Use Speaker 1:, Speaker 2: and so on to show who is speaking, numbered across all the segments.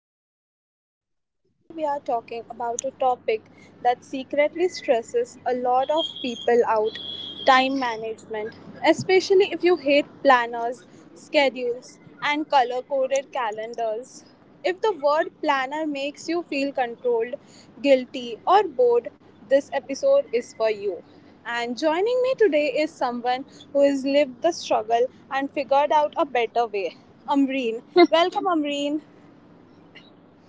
Speaker 1: This is Kashyapi, and today we are talking about a topic that secretly stresses a lot of people out, time management, especially if you hate planners, schedules, and color coded calendars. If the word "planner" makes you feel controlled, guilty, or bored, this episode is for you. And joining me today is someone who has lived the struggle and figured out a better way, Amreen. Welcome, Amreen.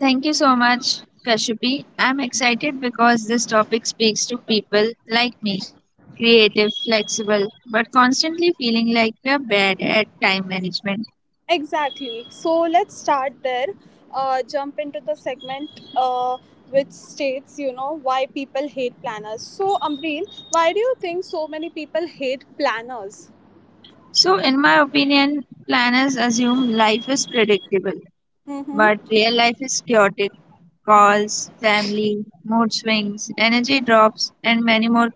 Speaker 2: Thank you so much, Kashyapi. I'm excited because this topic speaks to people like me, creative, flexible, but constantly feeling like we're bad at time management.
Speaker 1: Exactly. So let's start there. Jump into the segment which states, why people hate planners. So, Amreen, why do you think so many people hate planners?
Speaker 2: So, in my opinion, planners assume life is predictable, but
Speaker 1: Mm-hmm.
Speaker 2: real life is chaotic. Calls, family, mood swings, energy drops, and many more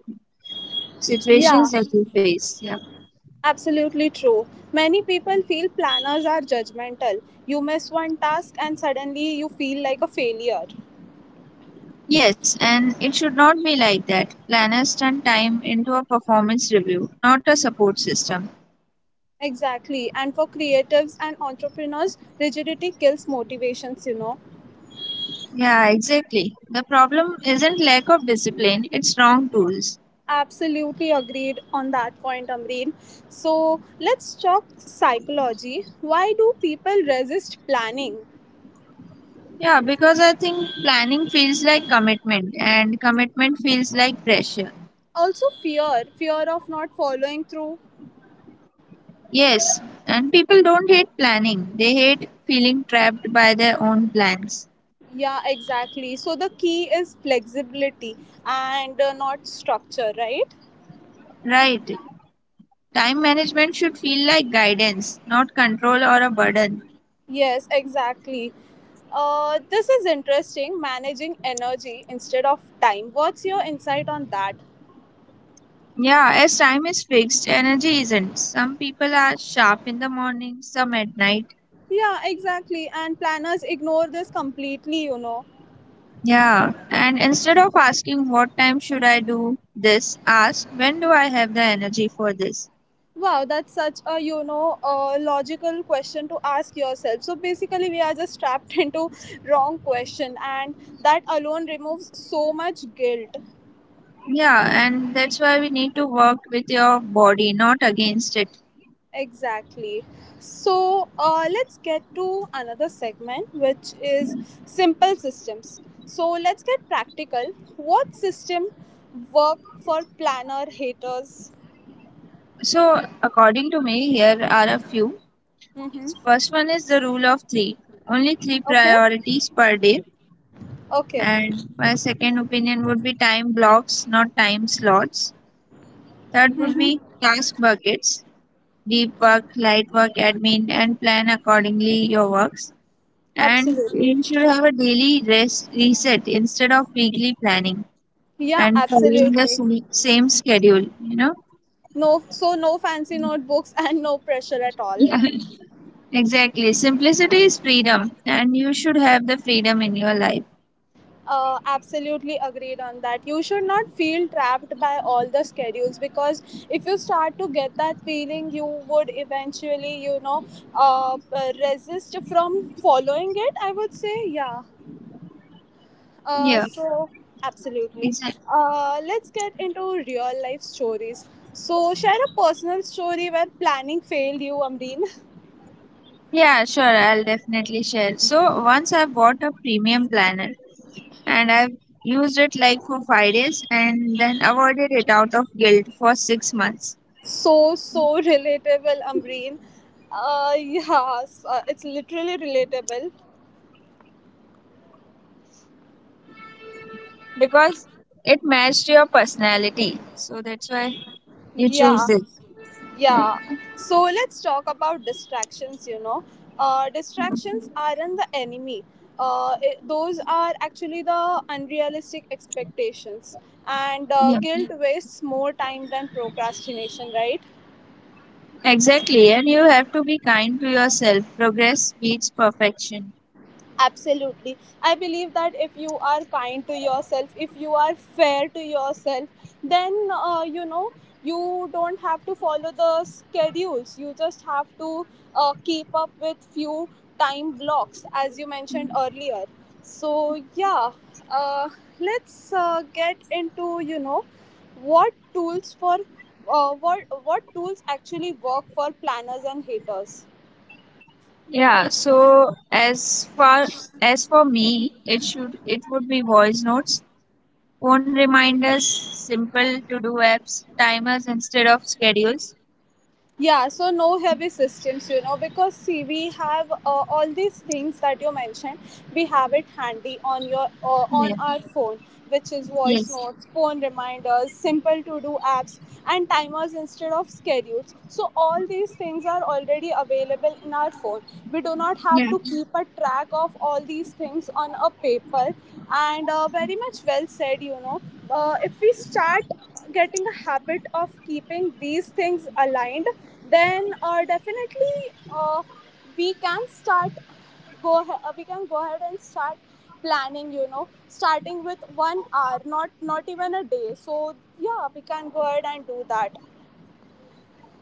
Speaker 1: Yeah.
Speaker 2: situations that you face. Yeah.
Speaker 1: Absolutely true. Many people feel planners are judgmental. You miss one task and suddenly you feel like a failure.
Speaker 2: Yes, and it should not be like that. Planners turn time into a performance review, not a support system.
Speaker 1: Exactly. And for creatives and entrepreneurs, rigidity kills motivations.
Speaker 2: Yeah, exactly. The problem isn't lack of discipline, it's wrong tools.
Speaker 1: Absolutely agreed on that point, Amreen. So let's talk psychology. Why do people resist planning?
Speaker 2: Yeah, because I think planning feels like commitment and commitment feels like pressure.
Speaker 1: Also, fear of not following through.
Speaker 2: Yes, and people don't hate planning, they hate feeling trapped by their own plans.
Speaker 1: Yeah, exactly. So the key is flexibility and not structure, right?
Speaker 2: Right. Time management should feel like guidance, not control or a burden.
Speaker 1: Yes, exactly. This is interesting. Managing energy instead of time. What's your insight on that?
Speaker 2: Yeah, as time is fixed, energy isn't. Some people are sharp in the morning, some at night.
Speaker 1: Yeah, exactly. And planners ignore this completely.
Speaker 2: Yeah, and instead of asking what time should I do this, ask when do I have the energy for this.
Speaker 1: Wow, that's such a logical question to ask yourself. So basically, we are just trapped into wrong question, and that alone removes so much guilt.
Speaker 2: Yeah, and that's why we need to work with your body, not against it.
Speaker 1: Exactly. So let's get to another segment, which is simple systems. So let's get practical. What system work for planner haters?
Speaker 2: So, according to me, here are a few.
Speaker 1: Mm-hmm.
Speaker 2: First one is the rule of three, only three
Speaker 1: Okay.
Speaker 2: priorities per day.
Speaker 1: Okay.
Speaker 2: And my second opinion would be time blocks, not time slots. That would
Speaker 1: Mm-hmm.
Speaker 2: be task buckets, deep work, light work, admin, and plan accordingly your works. And
Speaker 1: Absolutely.
Speaker 2: you should have a daily rest reset instead of weekly planning
Speaker 1: Yeah,
Speaker 2: and following the
Speaker 1: absolutely.
Speaker 2: same schedule, you know?
Speaker 1: No, so no fancy notebooks and no pressure at all.
Speaker 2: Yeah, exactly. Simplicity is freedom, and you should have the freedom in your life.
Speaker 1: Absolutely agreed on that. You should not feel trapped by all the schedules because if you start to get that feeling, you would resist from following it. I would say, yeah. Uh,
Speaker 2: Yeah,
Speaker 1: so, absolutely.
Speaker 2: exactly.
Speaker 1: Let's get into real life stories. So, share a personal story where planning failed you, Amreen.
Speaker 2: Yeah, sure, I'll definitely share. So, once I bought a premium planner and I've used it like for 5 days and then avoided it out of guilt for 6 months
Speaker 1: So, so relatable, Amreen. Yeah, it's literally relatable.
Speaker 2: because it matched your personality. So that's why you choose
Speaker 1: Yeah.
Speaker 2: this.
Speaker 1: Yeah, so let's talk about distractions. Distractions aren't the enemy, those are actually the unrealistic expectations. And
Speaker 2: Yeah,
Speaker 1: guilt wastes more time than procrastination, right?
Speaker 2: exactly. And you have to be kind to yourself. Progress beats perfection.
Speaker 1: Absolutely. I believe that if you are kind to yourself, if you are fair to yourself, then you don't have to follow the schedules. You just have to keep up with few time blocks, as you mentioned earlier. So yeah, uh, let's get into what tools for what tools actually work for planners and haters.
Speaker 2: Yeah. So as far as for me, it would be voice notes, phone reminders, simple to do apps, timers instead of schedules.
Speaker 1: Yeah, so no heavy systems, you know, because see, we have all these things that you mentioned. We have it handy on your
Speaker 2: Yeah.
Speaker 1: on our phone, which is voice
Speaker 2: Yes.
Speaker 1: notes, phone reminders, simple to do apps, and timers instead of schedules. So all these things are already available in our phone. We do not
Speaker 2: Yeah.
Speaker 1: have to keep a track of all these things on a paper. And very much well said, you know. If we start getting a habit of keeping these things aligned, then definitely uh, we can start go we can go ahead and start planning, you know, starting with 1 hour, not even a day. So yeah, we can go ahead and do that.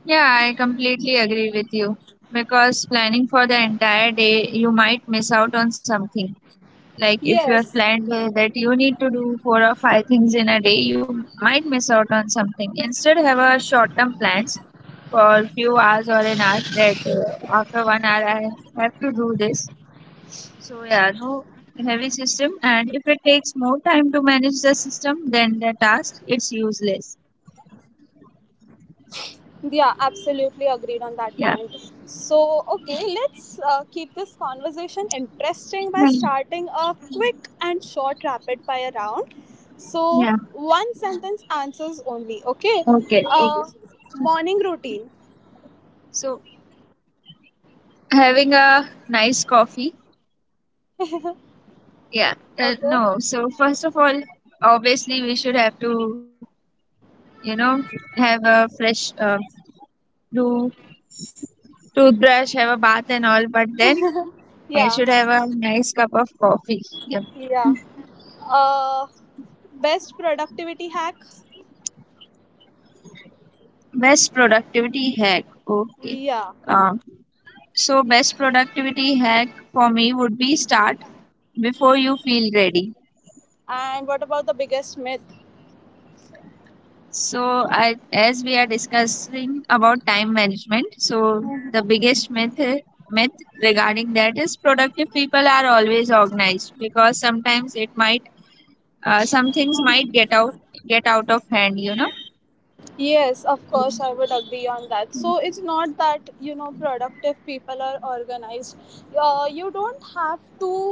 Speaker 2: Yeah, I completely agree with you because planning for the entire day, you might miss out on something. Like if you have
Speaker 1: Yes.
Speaker 2: planned that you need to do four or five things in a day, you might miss out on something. Instead, have a short-term plans for a few hours or an hour that after 1 hour I have to do this. So yeah, no heavy system. And if it takes more time to manage the system than the task, it's useless.
Speaker 1: Yeah, absolutely agreed on that point. So,
Speaker 2: Yeah.
Speaker 1: okay, let's keep this conversation interesting by starting a
Speaker 2: Fine.
Speaker 1: quick and short rapid fire round. So,
Speaker 2: Yeah.
Speaker 1: one sentence answers only, okay?
Speaker 2: Okay.
Speaker 1: Uh,
Speaker 2: Okay.
Speaker 1: Morning routine,
Speaker 2: So having a nice coffee. Yeah.
Speaker 1: okay?
Speaker 2: No. So first of all, obviously we should have to, you know, have a fresh do toothbrush, have a bath and all. But then I
Speaker 1: Yeah,
Speaker 2: should have a nice cup of coffee. Yep.
Speaker 1: yeah. Uh, Best productivity hack,
Speaker 2: Best productivity hack. Okay.
Speaker 1: yeah.
Speaker 2: Um, so best productivity hack for me would be start before you feel ready.
Speaker 1: And what about the biggest myth?
Speaker 2: So, I, as we are discussing about time management, so the biggest myth regarding that is productive people are always organized because sometimes it might some things might get out of hand, you know.
Speaker 1: Yes, of course, I would agree on that. So it's not that you know productive people are organized. You don't have to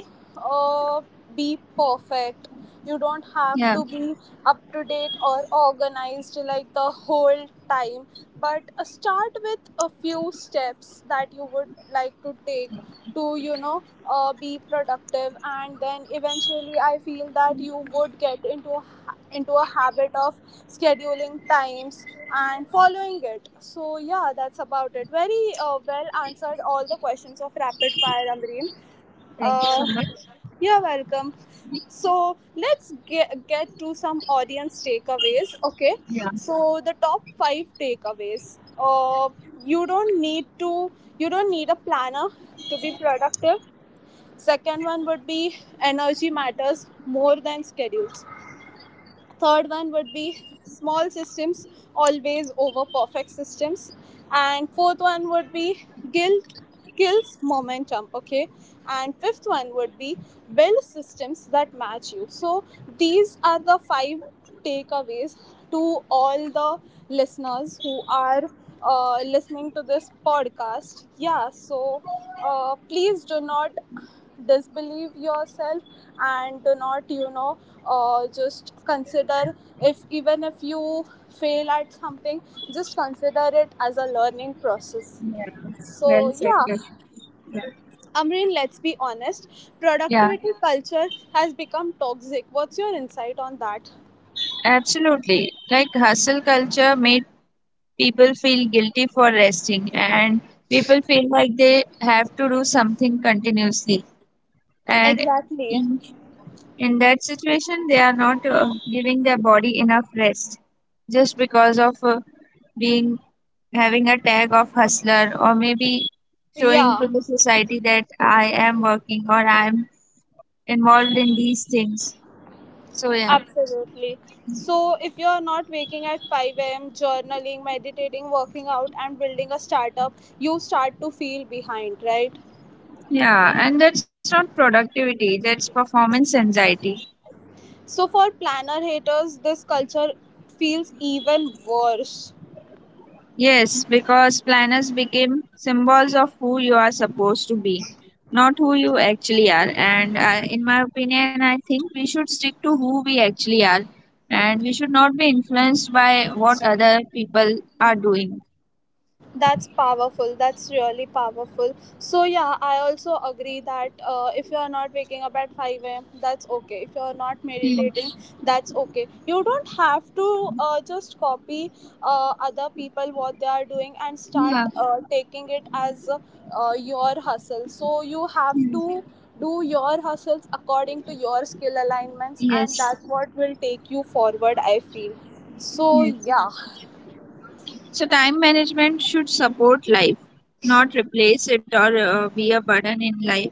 Speaker 1: uh, be perfect. You don't have to
Speaker 2: Yeah.
Speaker 1: be up to date or organized like the whole time. But start with a few steps that you would like to take to be productive, and then eventually I feel that you would get into a habit of scheduling times and following it. So yeah, that's about it. Very well answered all the questions of rapid fire, Amreen.
Speaker 2: Thank you
Speaker 1: Uh,
Speaker 2: so much.
Speaker 1: you're welcome. So let's get to some audience takeaways. Okay,
Speaker 2: Yeah.
Speaker 1: so the top five takeaways. You don't need to. You don't need a planner to be productive. Second one would be energy matters more than schedules. Third one would be small systems always over perfect systems. And fourth one would be guilt kills momentum, okay. And fifth one would be build systems that match you. So these are the five takeaways to all the listeners who are listening to this podcast. Yeah, so please do not disbelieve yourself, and do not just consider, if even if you fail at something, just consider it as a learning process.
Speaker 2: Yeah. Well
Speaker 1: So
Speaker 2: said,
Speaker 1: yeah.
Speaker 2: Kashif. Yeah.
Speaker 1: Amreen, let's be honest,
Speaker 2: Yeah,
Speaker 1: productivity culture has become toxic. What's your insight on that?
Speaker 2: absolutely. Like hustle culture made people feel guilty for resting, and people feel like they have to do something continuously. And
Speaker 1: Exactly.
Speaker 2: in that situation, they are not giving their body enough rest just because of being having a tag of hustler or maybe
Speaker 1: Yeah,
Speaker 2: showing to the society that I am working or I'm involved in these things. So yeah,
Speaker 1: absolutely. So if you're not waking at 5 a.m, journaling, meditating, working out, and building a startup, you start to feel behind, right?
Speaker 2: yeah, and that's not productivity, that's performance anxiety.
Speaker 1: So for planner haters, this culture feels even worse.
Speaker 2: Yes, because planners became symbols of who you are supposed to be, not who you actually are. And in my opinion, I think we should stick to who we actually are and we should not be influenced by what other people are doing.
Speaker 1: That's powerful. That's really powerful. So yeah, I also agree that if you are not waking up at five a.m., that's okay. If you are not
Speaker 2: Yeah,
Speaker 1: meditating, that's okay. You don't have to just copy other people what they are doing and start
Speaker 2: yeah,
Speaker 1: taking it as your hustle. So you have
Speaker 2: yes,
Speaker 1: to do your hustles according to your skill alignments, and
Speaker 2: Yes.
Speaker 1: that's what will take you forward. I feel. So
Speaker 2: yes.
Speaker 1: yeah,
Speaker 2: So, time management should support life, not replace it or be a burden in life.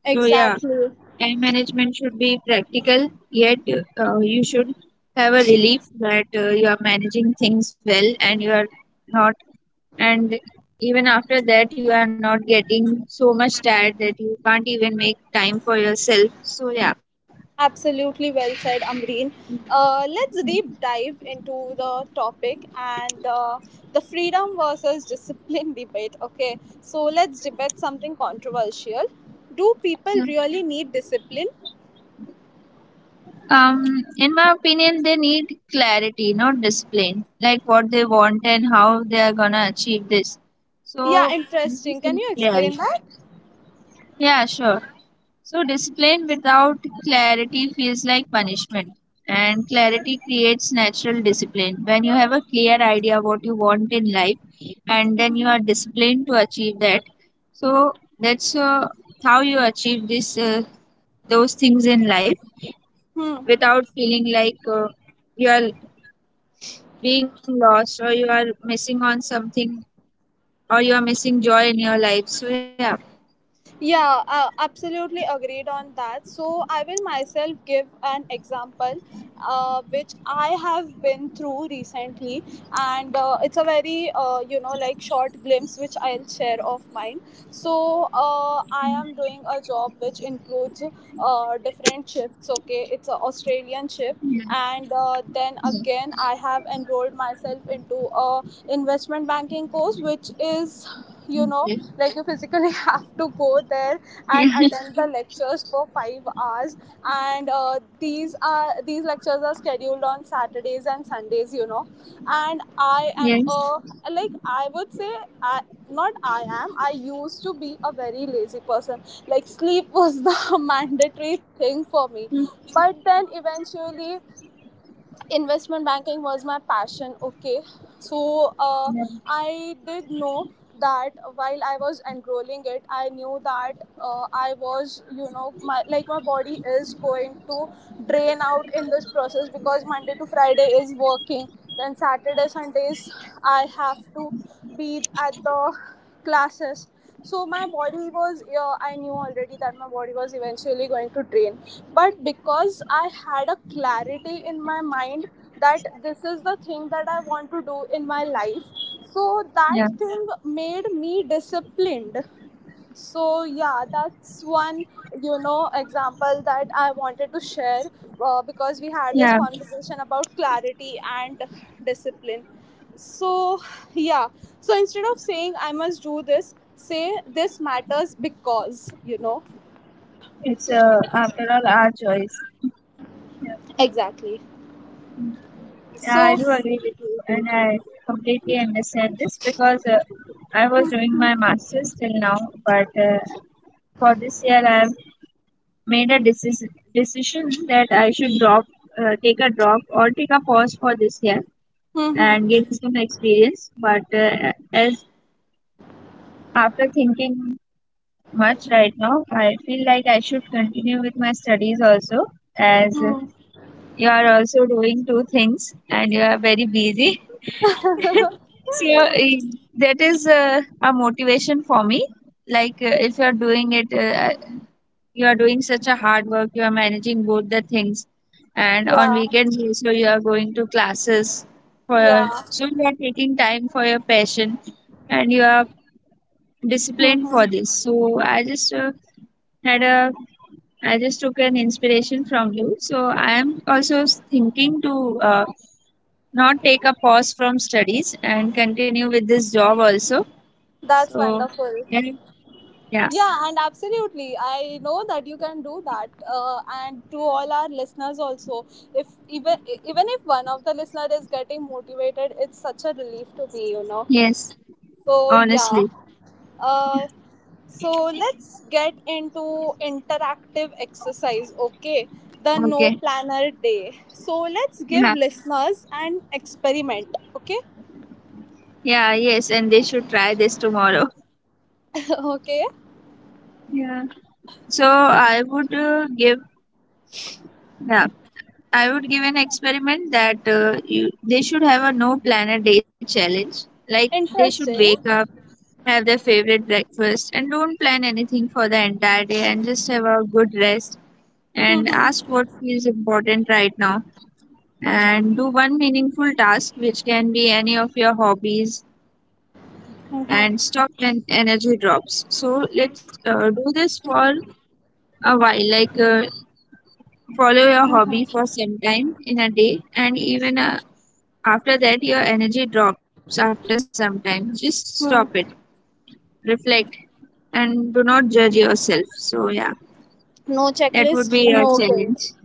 Speaker 2: So, yeah.
Speaker 1: exactly.
Speaker 2: Time management should be practical, yet you should have a relief that you are managing things well and you are not, and even after that, you are not getting so much tired that you can't even make time for yourself. So, yeah.
Speaker 1: Absolutely well said, Amreen. Let's deep dive into the topic and the freedom versus discipline debate. Okay, so let's debate something controversial. Do people really need discipline?
Speaker 2: In my opinion, they need clarity, not discipline, like what they want and how they are gonna achieve this.
Speaker 1: Yeah,
Speaker 2: So, this
Speaker 1: interesting. Can
Speaker 2: is
Speaker 1: you explain
Speaker 2: clarity.
Speaker 1: that?
Speaker 2: Yeah, sure. So, discipline without clarity feels like punishment, and clarity creates natural discipline. When you have a clear idea what you want in life, and then you are disciplined to achieve that, so that's how you achieve this those things in life
Speaker 1: Hmm.
Speaker 2: without feeling like you are being lost or you are missing on something or you are missing joy in your life. So yeah.
Speaker 1: Yeah, absolutely agreed on that. So I will myself give an example, which I have been through recently, and it's a very like short glimpse which I'll share of mine. So I am doing a job which includes different shifts. Okay, it's an Australian shift, and then again I have enrolled myself into a investment banking course, which is, you
Speaker 2: Okay.
Speaker 1: know, like you physically have to go there
Speaker 2: Yeah.
Speaker 1: and attend the lectures for 5 hours. And these lectures are scheduled on Saturdays and Sundays. You know, and I
Speaker 2: Yes.
Speaker 1: am a like I would say I. not I am, I used to be a very lazy person. Like, sleep was the mandatory thing for me. But then eventually, investment banking was my passion. Okay, so I did know that while I was enrolling it, I knew that I was, my body is going to drain out in this process because Monday to Friday is working, then Saturday, Sundays I have to be at the classes. So my body was, yeah, I knew already that my body was eventually going to drain, but because I had a clarity in my mind that this is the thing that I want to do in my life, so that
Speaker 2: Yeah.
Speaker 1: thing made me disciplined. So yeah, that's one, you know, example that I wanted to share, because we
Speaker 2: Yeah.
Speaker 1: had this conversation about clarity and discipline. So yeah, so instead of saying I must do this, say this matters, because you know.
Speaker 2: It's after all our choice. Yeah,
Speaker 1: Exactly.
Speaker 2: yeah, I
Speaker 1: So,
Speaker 2: do agree with you, and I completely understand this because I was doing my master's till now, but for this year I've made a decision that I should drop, take a drop or take a pause for this year
Speaker 1: hmm,
Speaker 2: and gain some experience. But as after thinking much right now, I feel like I should continue with my studies also as you are also doing two things and you are very busy so that is a motivation for me like if you are doing it, you are doing such a hard work, you are managing both the things, and on
Speaker 1: yeah,
Speaker 2: weekends also you are going to classes for,
Speaker 1: yeah,
Speaker 2: so you are taking time for your passion and you are disciplined for
Speaker 1: hmm,
Speaker 2: this. So I just had a, I just took an inspiration from you, so I am also thinking to uh, not take a pause from studies and continue with this job also.
Speaker 1: that's
Speaker 2: So,
Speaker 1: wonderful.
Speaker 2: yeah, yeah,
Speaker 1: Yeah, and absolutely. I know that you can do that. And to all our listeners also, if even if one of the listener is getting motivated, it's such a relief to me, you know.
Speaker 2: yes,
Speaker 1: So yeah.
Speaker 2: honestly.
Speaker 1: Uh, so let's get into interactive exercise, okay? The no
Speaker 2: Okay.
Speaker 1: planner day. So let's give
Speaker 2: Yeah,
Speaker 1: listeners an experiment, okay?
Speaker 2: yeah, yes, and they should try this tomorrow.
Speaker 1: okay.
Speaker 2: Yeah. So I would yeah, I would give an experiment that you, they should have a no plan a day challenge. Like they should
Speaker 1: Interesting.
Speaker 2: wake up, have their favorite breakfast, and don't plan anything for the entire day and just have a good rest and ask
Speaker 1: Mhm.
Speaker 2: what feels important right now and do one meaningful task, which can be any of your hobbies, and
Speaker 1: Mhm.
Speaker 2: stop when energy drops. So let's do this for a while, like follow your hobby for some time in a day, and even after that, your energy drops after some time. Just stop it, reflect, and do not judge yourself. So, yeah,
Speaker 1: No
Speaker 2: that
Speaker 1: checklist,
Speaker 2: would be
Speaker 1: no
Speaker 2: your
Speaker 1: guilt.
Speaker 2: challenge.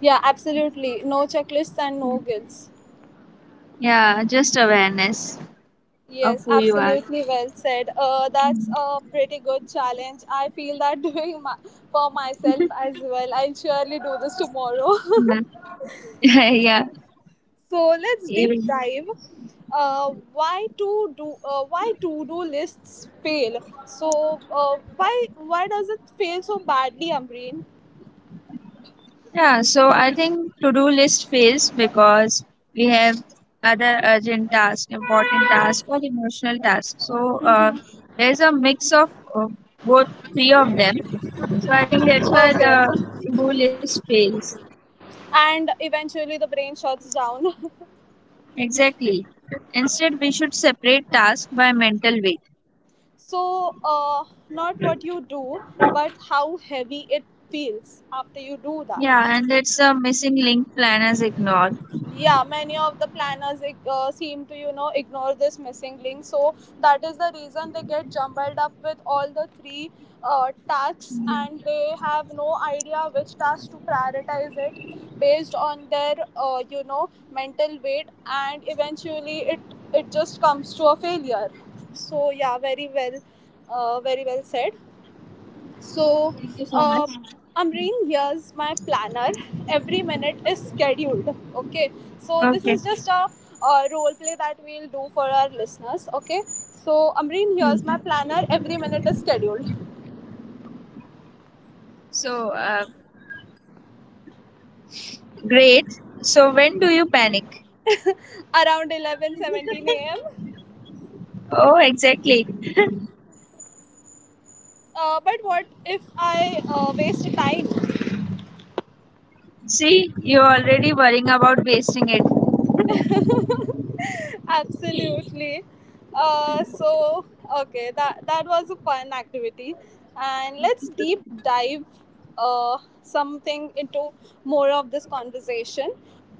Speaker 1: Yeah, absolutely. No checklists and no guilts.
Speaker 2: Yeah, just awareness of
Speaker 1: Yes,
Speaker 2: who you are.
Speaker 1: absolutely well said. That's a pretty good challenge. I feel that doing my, for myself as well. I'll surely do this tomorrow.
Speaker 2: Yeah, yeah.
Speaker 1: So let's deep
Speaker 2: Even.
Speaker 1: dive. Why to do lists fail? So why does it fail so badly, Amreen?
Speaker 2: Yeah, so I think to-do list fails because we have other urgent tasks, important tasks, or emotional tasks. So there's a mix of both three of them. So I think that's why
Speaker 1: Okay,
Speaker 2: the to-do list fails.
Speaker 1: and eventually the brain shuts down.
Speaker 2: Exactly. Instead, we should separate tasks by mental weight.
Speaker 1: So not what you do, but how heavy it feels after you do that.
Speaker 2: Yeah, and that's a missing link planners ignore.
Speaker 1: Yeah, many of the planners seem to, you know, ignore this missing link. So that is the reason they get jumbled up with all the three tasks,
Speaker 2: Yeah.
Speaker 1: and they have no idea which task to prioritize it based on their mental weight, and eventually it it just comes to a failure. So yeah, very well said.
Speaker 2: Thank
Speaker 1: So,
Speaker 2: you so much.
Speaker 1: uh, Amreen, here's my planner. Every minute is scheduled. Okay. So, this
Speaker 2: Okay.
Speaker 1: is just a role play that we'll do for our listeners. Okay. So, Amreen, here's my planner. Every minute is scheduled
Speaker 2: So great. So when do you panic?
Speaker 1: around 11:17 a.m.
Speaker 2: Oh, exactly.
Speaker 1: But what if I waste time?
Speaker 2: See, you're already worrying about wasting it.
Speaker 1: Absolutely. So okay, that was a fun activity, and let's deep dive something into more of this conversation.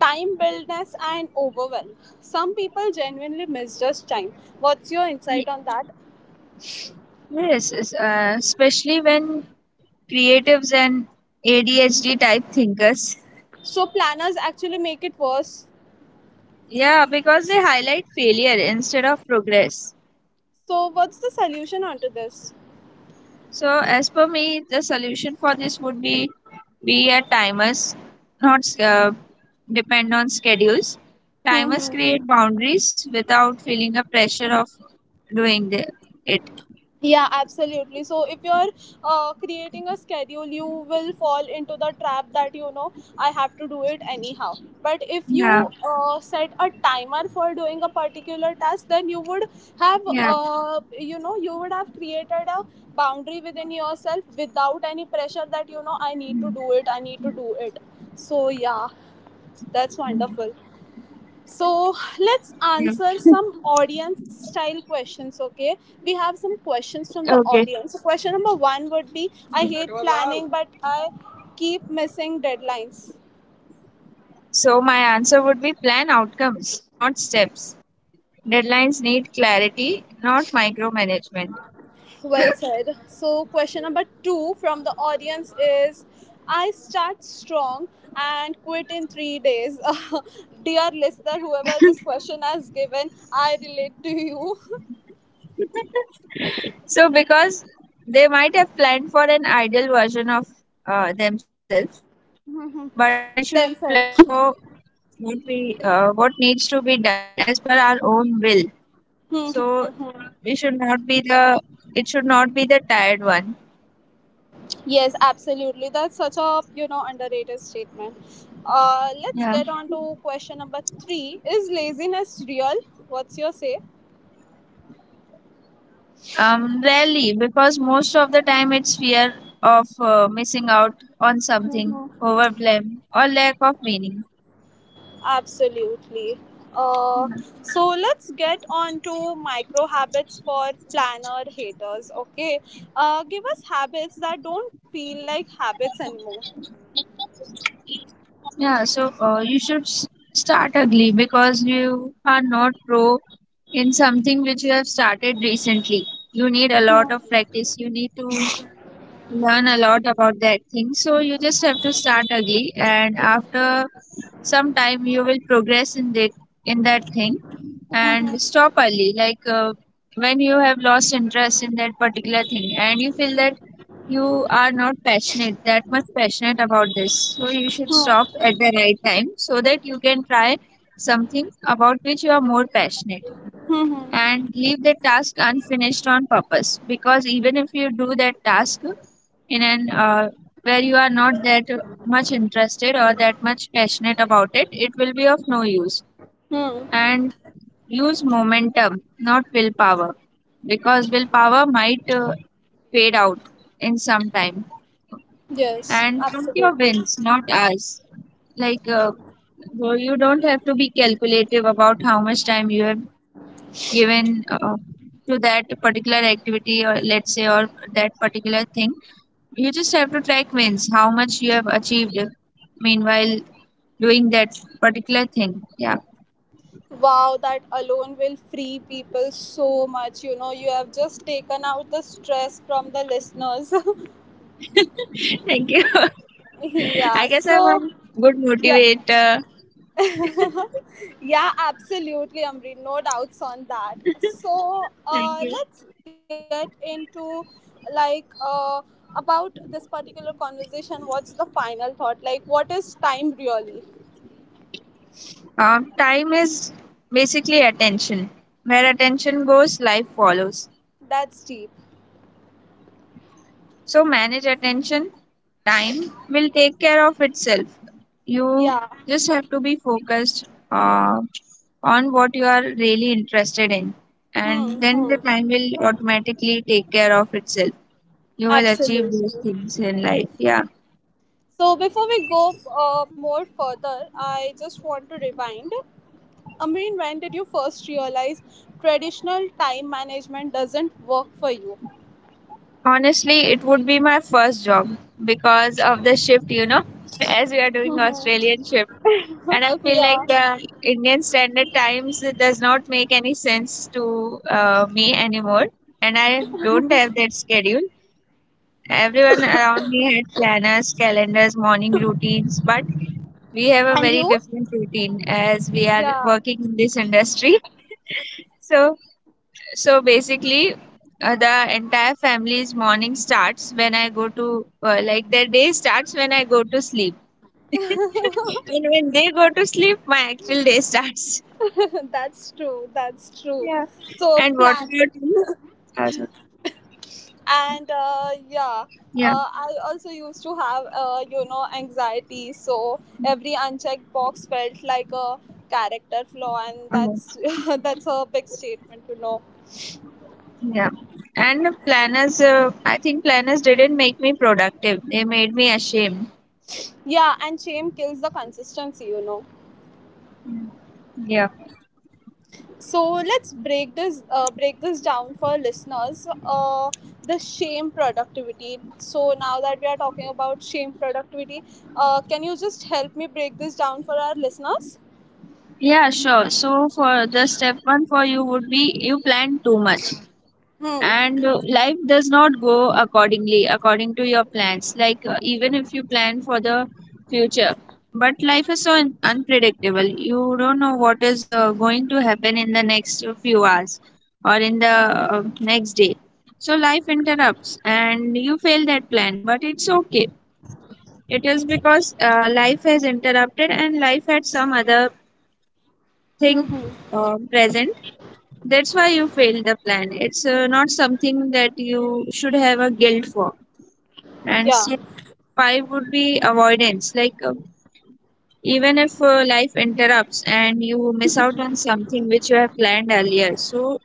Speaker 1: Time buildness and overwhelm. Some people genuinely misjudge time. What's your
Speaker 2: Y-
Speaker 1: insight on that?
Speaker 2: Yes, especially when creatives and ADHD type thinkers.
Speaker 1: So planners actually make it worse.
Speaker 2: Yeah, because they highlight failure instead of progress.
Speaker 1: So what's the solution onto this?
Speaker 2: So, as per me, the solution for this would be a timers, not depend on schedules.
Speaker 1: Hmm,
Speaker 2: Timers
Speaker 1: hmm.
Speaker 2: create boundaries without feeling a pressure of doing it.
Speaker 1: Yeah, absolutely. So if you're creating a schedule, you will fall into the trap that, you know, I have to do it anyhow. But if
Speaker 2: Yeah,
Speaker 1: you set a timer for doing a particular task, then you would have
Speaker 2: yeah,
Speaker 1: you know, you would have created a boundary within yourself without any pressure that, you know, I need to do it, I need to do it. So yeah, that's wonderful. So let's
Speaker 2: yeah.
Speaker 1: answer some audience style questions, okay? We have some questions from the
Speaker 2: Okay.
Speaker 1: audience. So question number one would be, I hate planning, but I keep missing deadlines.
Speaker 2: So my answer would be plan outcomes, not steps. Deadlines need clarity, not micromanagement.
Speaker 1: Well said. So question number two from the audience is, I start strong and quit in 3 days. Dear listener, whoever this question has given, I relate to you.
Speaker 2: So because they might have planned for an ideal version of themselves, but we should plan
Speaker 1: Themselves.
Speaker 2: for what we what needs to be done as per our own will. So we should not be the, it should not be the tired one.
Speaker 1: Yes, absolutely. That's such a, you know, underrated statement. Let's
Speaker 2: Yeah.
Speaker 1: get on to question number three. Is laziness real? What's your say?
Speaker 2: Rarely, because most of the time it's fear of missing out on something,
Speaker 1: Mm-hmm.
Speaker 2: over blame, or lack of meaning.
Speaker 1: Absolutely. Uh, so let's get on to micro habits for planner haters. Okay. Give us habits that don't feel like habits anymore.
Speaker 2: Yeah, so you should start ugly because you are not pro in something which you have started recently. You need a lot of practice, you need to learn a lot about that thing. So you just have to start ugly, and after some time, you will progress in in that thing and stop early like when you have lost interest in that particular thing and you feel that you are not passionate, that much passionate about this, so you should stop
Speaker 1: Hmm.
Speaker 2: at the right time so that you can try something about which you are more passionate
Speaker 1: Hmm, hmm.
Speaker 2: and leave the task unfinished on purpose because even if you do that task in an where you are not that much interested or that much passionate about it, it will be of no use.
Speaker 1: Hmm.
Speaker 2: And use momentum, not willpower, because willpower might fade out in some time.
Speaker 1: Yes,
Speaker 2: And count your
Speaker 1: absolutely.
Speaker 2: wins, not us. Like, uh, so you don't have to be calculative about how much time you have given to that particular activity, or that particular thing. You just have to track wins, how much you have achieved meanwhile doing that particular thing. Yeah.
Speaker 1: Wow, that alone will free people so much. You know, you have just taken out the stress from the listeners.
Speaker 2: Thank you.
Speaker 1: Yeah,
Speaker 2: I guess I'm a
Speaker 1: so
Speaker 2: good
Speaker 1: yeah,
Speaker 2: motivator.
Speaker 1: yeah, absolutely, Amri. No doubts on that. So,
Speaker 2: Thank you.
Speaker 1: let's get into like about this particular conversation. What's the final thought? Like, what is time really?
Speaker 2: Time is basically attention. Where attention goes, life follows.
Speaker 1: That's deep.
Speaker 2: So manage attention. Time will take care of itself. You
Speaker 1: Yeah.
Speaker 2: just have to be focused on what you are really interested in,
Speaker 1: Hmm,
Speaker 2: and then the
Speaker 1: hmm.
Speaker 2: time will automatically take care of itself. You will achieve those
Speaker 1: Absolutely.
Speaker 2: things in life. Yeah.
Speaker 1: So before we go more further, I just want to rewind. Amreen, when did you first realize traditional time management doesn't work for you?
Speaker 2: Honestly, it would be my first job because of the shift, you know, as we are doing Australian shift. And I feel like
Speaker 1: Yeah.
Speaker 2: the Indian standard times it does not make any sense to me anymore. And I don't have that schedule. Everyone around me had planners, calendars, morning routines, but we have a
Speaker 1: And
Speaker 2: very
Speaker 1: you?
Speaker 2: different routine as we are
Speaker 1: Yeah.
Speaker 2: working in this industry. So, so basically, the entire family's morning starts when I go to like their day starts when I go to sleep, and when they go to sleep, my actual day starts.
Speaker 1: That's true. That's true.
Speaker 2: Yeah.
Speaker 1: So
Speaker 2: And what is
Speaker 1: plan
Speaker 2: your team? As a-
Speaker 1: and yeah.
Speaker 2: Yeah.
Speaker 1: I also used to have, you know, anxiety. So every unchecked box felt like a character flaw, and
Speaker 2: Mhm.
Speaker 1: that's that's a big statement to know.
Speaker 2: Yeah. And planners, I think planners didn't make me productive. They made me ashamed.
Speaker 1: Yeah, and shame kills the consistency, you know.
Speaker 2: Yeah.
Speaker 1: So let's break this down for listeners. The shame productivity. So now that we are talking about shame productivity, can you just help me break this down for our listeners?
Speaker 2: Yeah, sure. So for the step one for you would be you plan too much.
Speaker 1: Hmm.
Speaker 2: And life does not go accordingly according to your plans even if you plan for the future, but life is so unpredictable. You don't know what is going to happen in the next few hours or in the next day. So life interrupts and you fail that plan, but it's okay. It is because life has interrupted and life had some other thing
Speaker 1: Mm-hmm.
Speaker 2: present. That's why you failed the plan. It's not something that you should have a guilt for.
Speaker 1: Yeah.
Speaker 2: And step five would be avoidance. Even if life interrupts and you miss out on something which you have planned earlier, so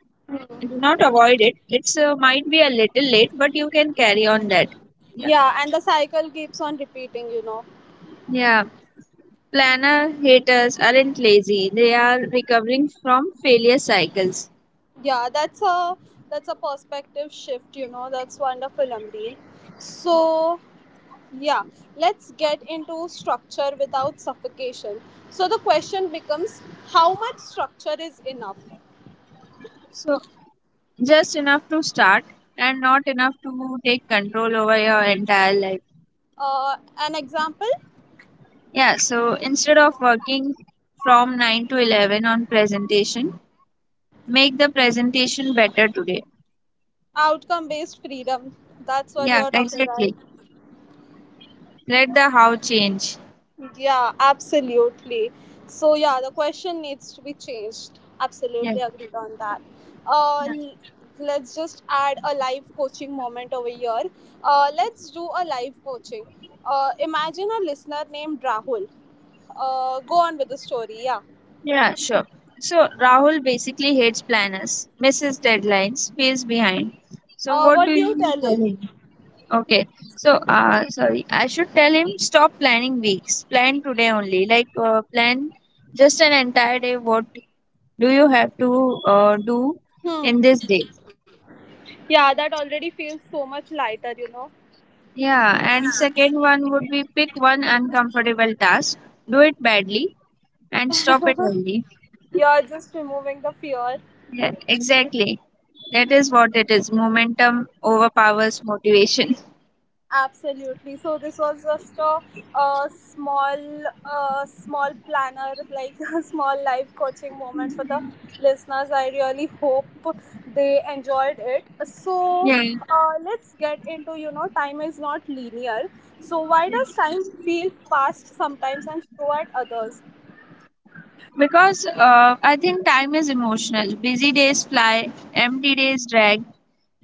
Speaker 2: do not avoid it. It's might be a little late, but you can carry on that. Yeah.
Speaker 1: Yeah, and the cycle keeps on repeating, you know.
Speaker 2: Yeah. Planner haters aren't lazy, they are recovering from failure cycles.
Speaker 1: Yeah, that's a perspective shift, you know. That's wonderful, Amreen. So yeah, let's get into structure without suffocation. So the question becomes, how much structure is enough?
Speaker 2: So, just enough to start and not enough to take control over your entire life.
Speaker 1: An example
Speaker 2: Yeah, so instead of working from 9 to 11 on presentation, make the presentation better today.
Speaker 1: outcome based freedom. That's what
Speaker 2: Yeah,
Speaker 1: you're talking about.
Speaker 2: exactly. Let the how change.
Speaker 1: Yeah, absolutely. So yeah, the question needs to be changed.
Speaker 2: Yeah,
Speaker 1: Absolutely agreed on that. Uh,
Speaker 2: yeah,
Speaker 1: l- let's just add a live coaching moment over here. Let's do a live coaching. Imagine a listener named Rahul. Go on with the story. Yeah.
Speaker 2: yeah, sure. So Rahul basically hates planners, misses deadlines, feels behind. So what do
Speaker 1: What do you
Speaker 2: you
Speaker 1: tell
Speaker 2: tell
Speaker 1: him?
Speaker 2: him? Okay, so sorry, I should tell him stop planning weeks. Plan today only. Plan just an entire day. What do you have to do in
Speaker 1: Hmm.
Speaker 2: this day?
Speaker 1: Yeah, that already feels so much lighter. You know,
Speaker 2: Yeah, and second one would be pick one uncomfortable task, do it badly, and stop it only.
Speaker 1: you're just removing the fear.
Speaker 2: Yeah, exactly. That is what it is. Momentum overpowers motivation.
Speaker 1: Absolutely. So this was just a small, small planner, like a small life coaching moment for the listeners. I really hope they enjoyed it. So
Speaker 2: Yeah,
Speaker 1: let's get into, you know, time is not linear. So why does time feel fast sometimes and slow at others?
Speaker 2: because I think time is emotional. Busy days fly, empty days drag,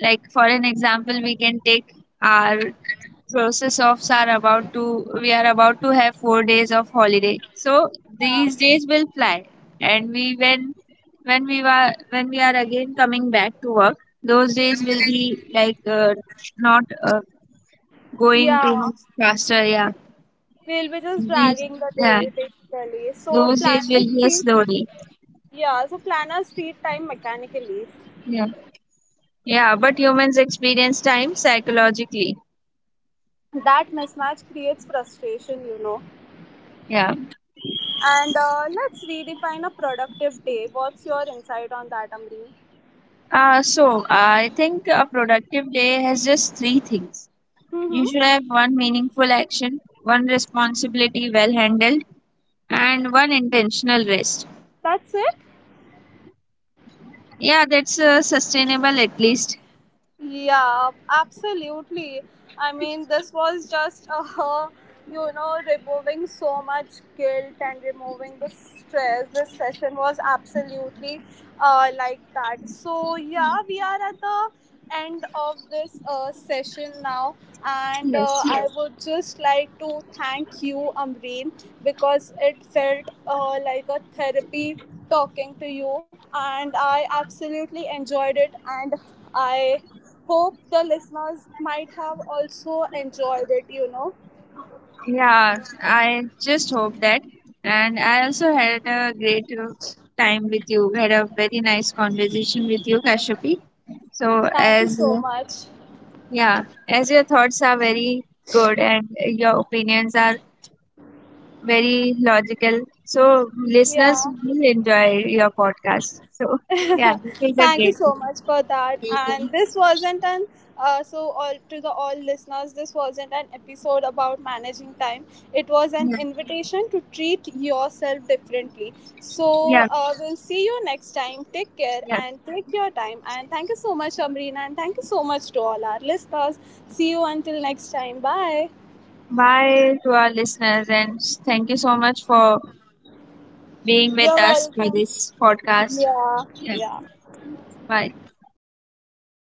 Speaker 2: like for an example we can take our process offs are about to, we are about to have 4 days of holiday, so these
Speaker 1: Yeah.
Speaker 2: days will fly. And we when when we were when we are again coming back to work, those days will be like not going
Speaker 1: Yeah.
Speaker 2: too much faster. Yeah,
Speaker 1: We'll be just
Speaker 2: these,
Speaker 1: dragging the
Speaker 2: yeah,
Speaker 1: day basically. So
Speaker 2: those days will
Speaker 1: planners
Speaker 2: be a
Speaker 1: treat
Speaker 2: slow day.
Speaker 1: yeah. So planners treat time mechanically.
Speaker 2: Yeah, yeah, but humans experience time psychologically.
Speaker 1: That mismatch creates frustration, you know.
Speaker 2: Yeah.
Speaker 1: And let's redefine a productive day. What's your insight on that, Amreen?
Speaker 2: So I think a productive day has just three things. You should
Speaker 1: Mm-hmm.
Speaker 2: have one meaningful action, one responsibility well handled, and one intentional rest.
Speaker 1: That's it.
Speaker 2: Yeah, that's sustainable at least.
Speaker 1: Yeah, absolutely. I mean, this was just you know, removing so much guilt and removing the stress. This session was absolutely like that. So yeah, we are at the end of this session now, and
Speaker 2: Yes.
Speaker 1: I would just like to thank you, Amreen, because it felt like a therapy talking to you, and I absolutely enjoyed it. And I hope the listeners might have also enjoyed it, you know.
Speaker 2: Yeah, I just hope that. And I also had a great time with you. Had a very nice conversation with you, Kashyapi. So
Speaker 1: Thank you
Speaker 2: as
Speaker 1: so
Speaker 2: uh,
Speaker 1: much.
Speaker 2: yeah, as your thoughts are very good and your opinions are very logical. So listeners
Speaker 1: Yeah,
Speaker 2: will enjoy your podcast. So yeah, it is a
Speaker 1: thank you
Speaker 2: great thing.
Speaker 1: so much for that. And
Speaker 2: Welcome.
Speaker 1: this wasn't an So all to the all listeners. This wasn't an episode about managing time. It was an
Speaker 2: Yeah,
Speaker 1: invitation to treat yourself differently. So
Speaker 2: yeah,
Speaker 1: we'll see you next time. Take care
Speaker 2: yeah.
Speaker 1: and take your time. And thank you so much, Amrina, and thank you so much to all our listeners. See you until next time. Bye.
Speaker 2: Bye to our listeners and thank you so much for being with us for this podcast.
Speaker 1: Yeah,
Speaker 2: Yeah.
Speaker 1: yeah.
Speaker 2: Bye.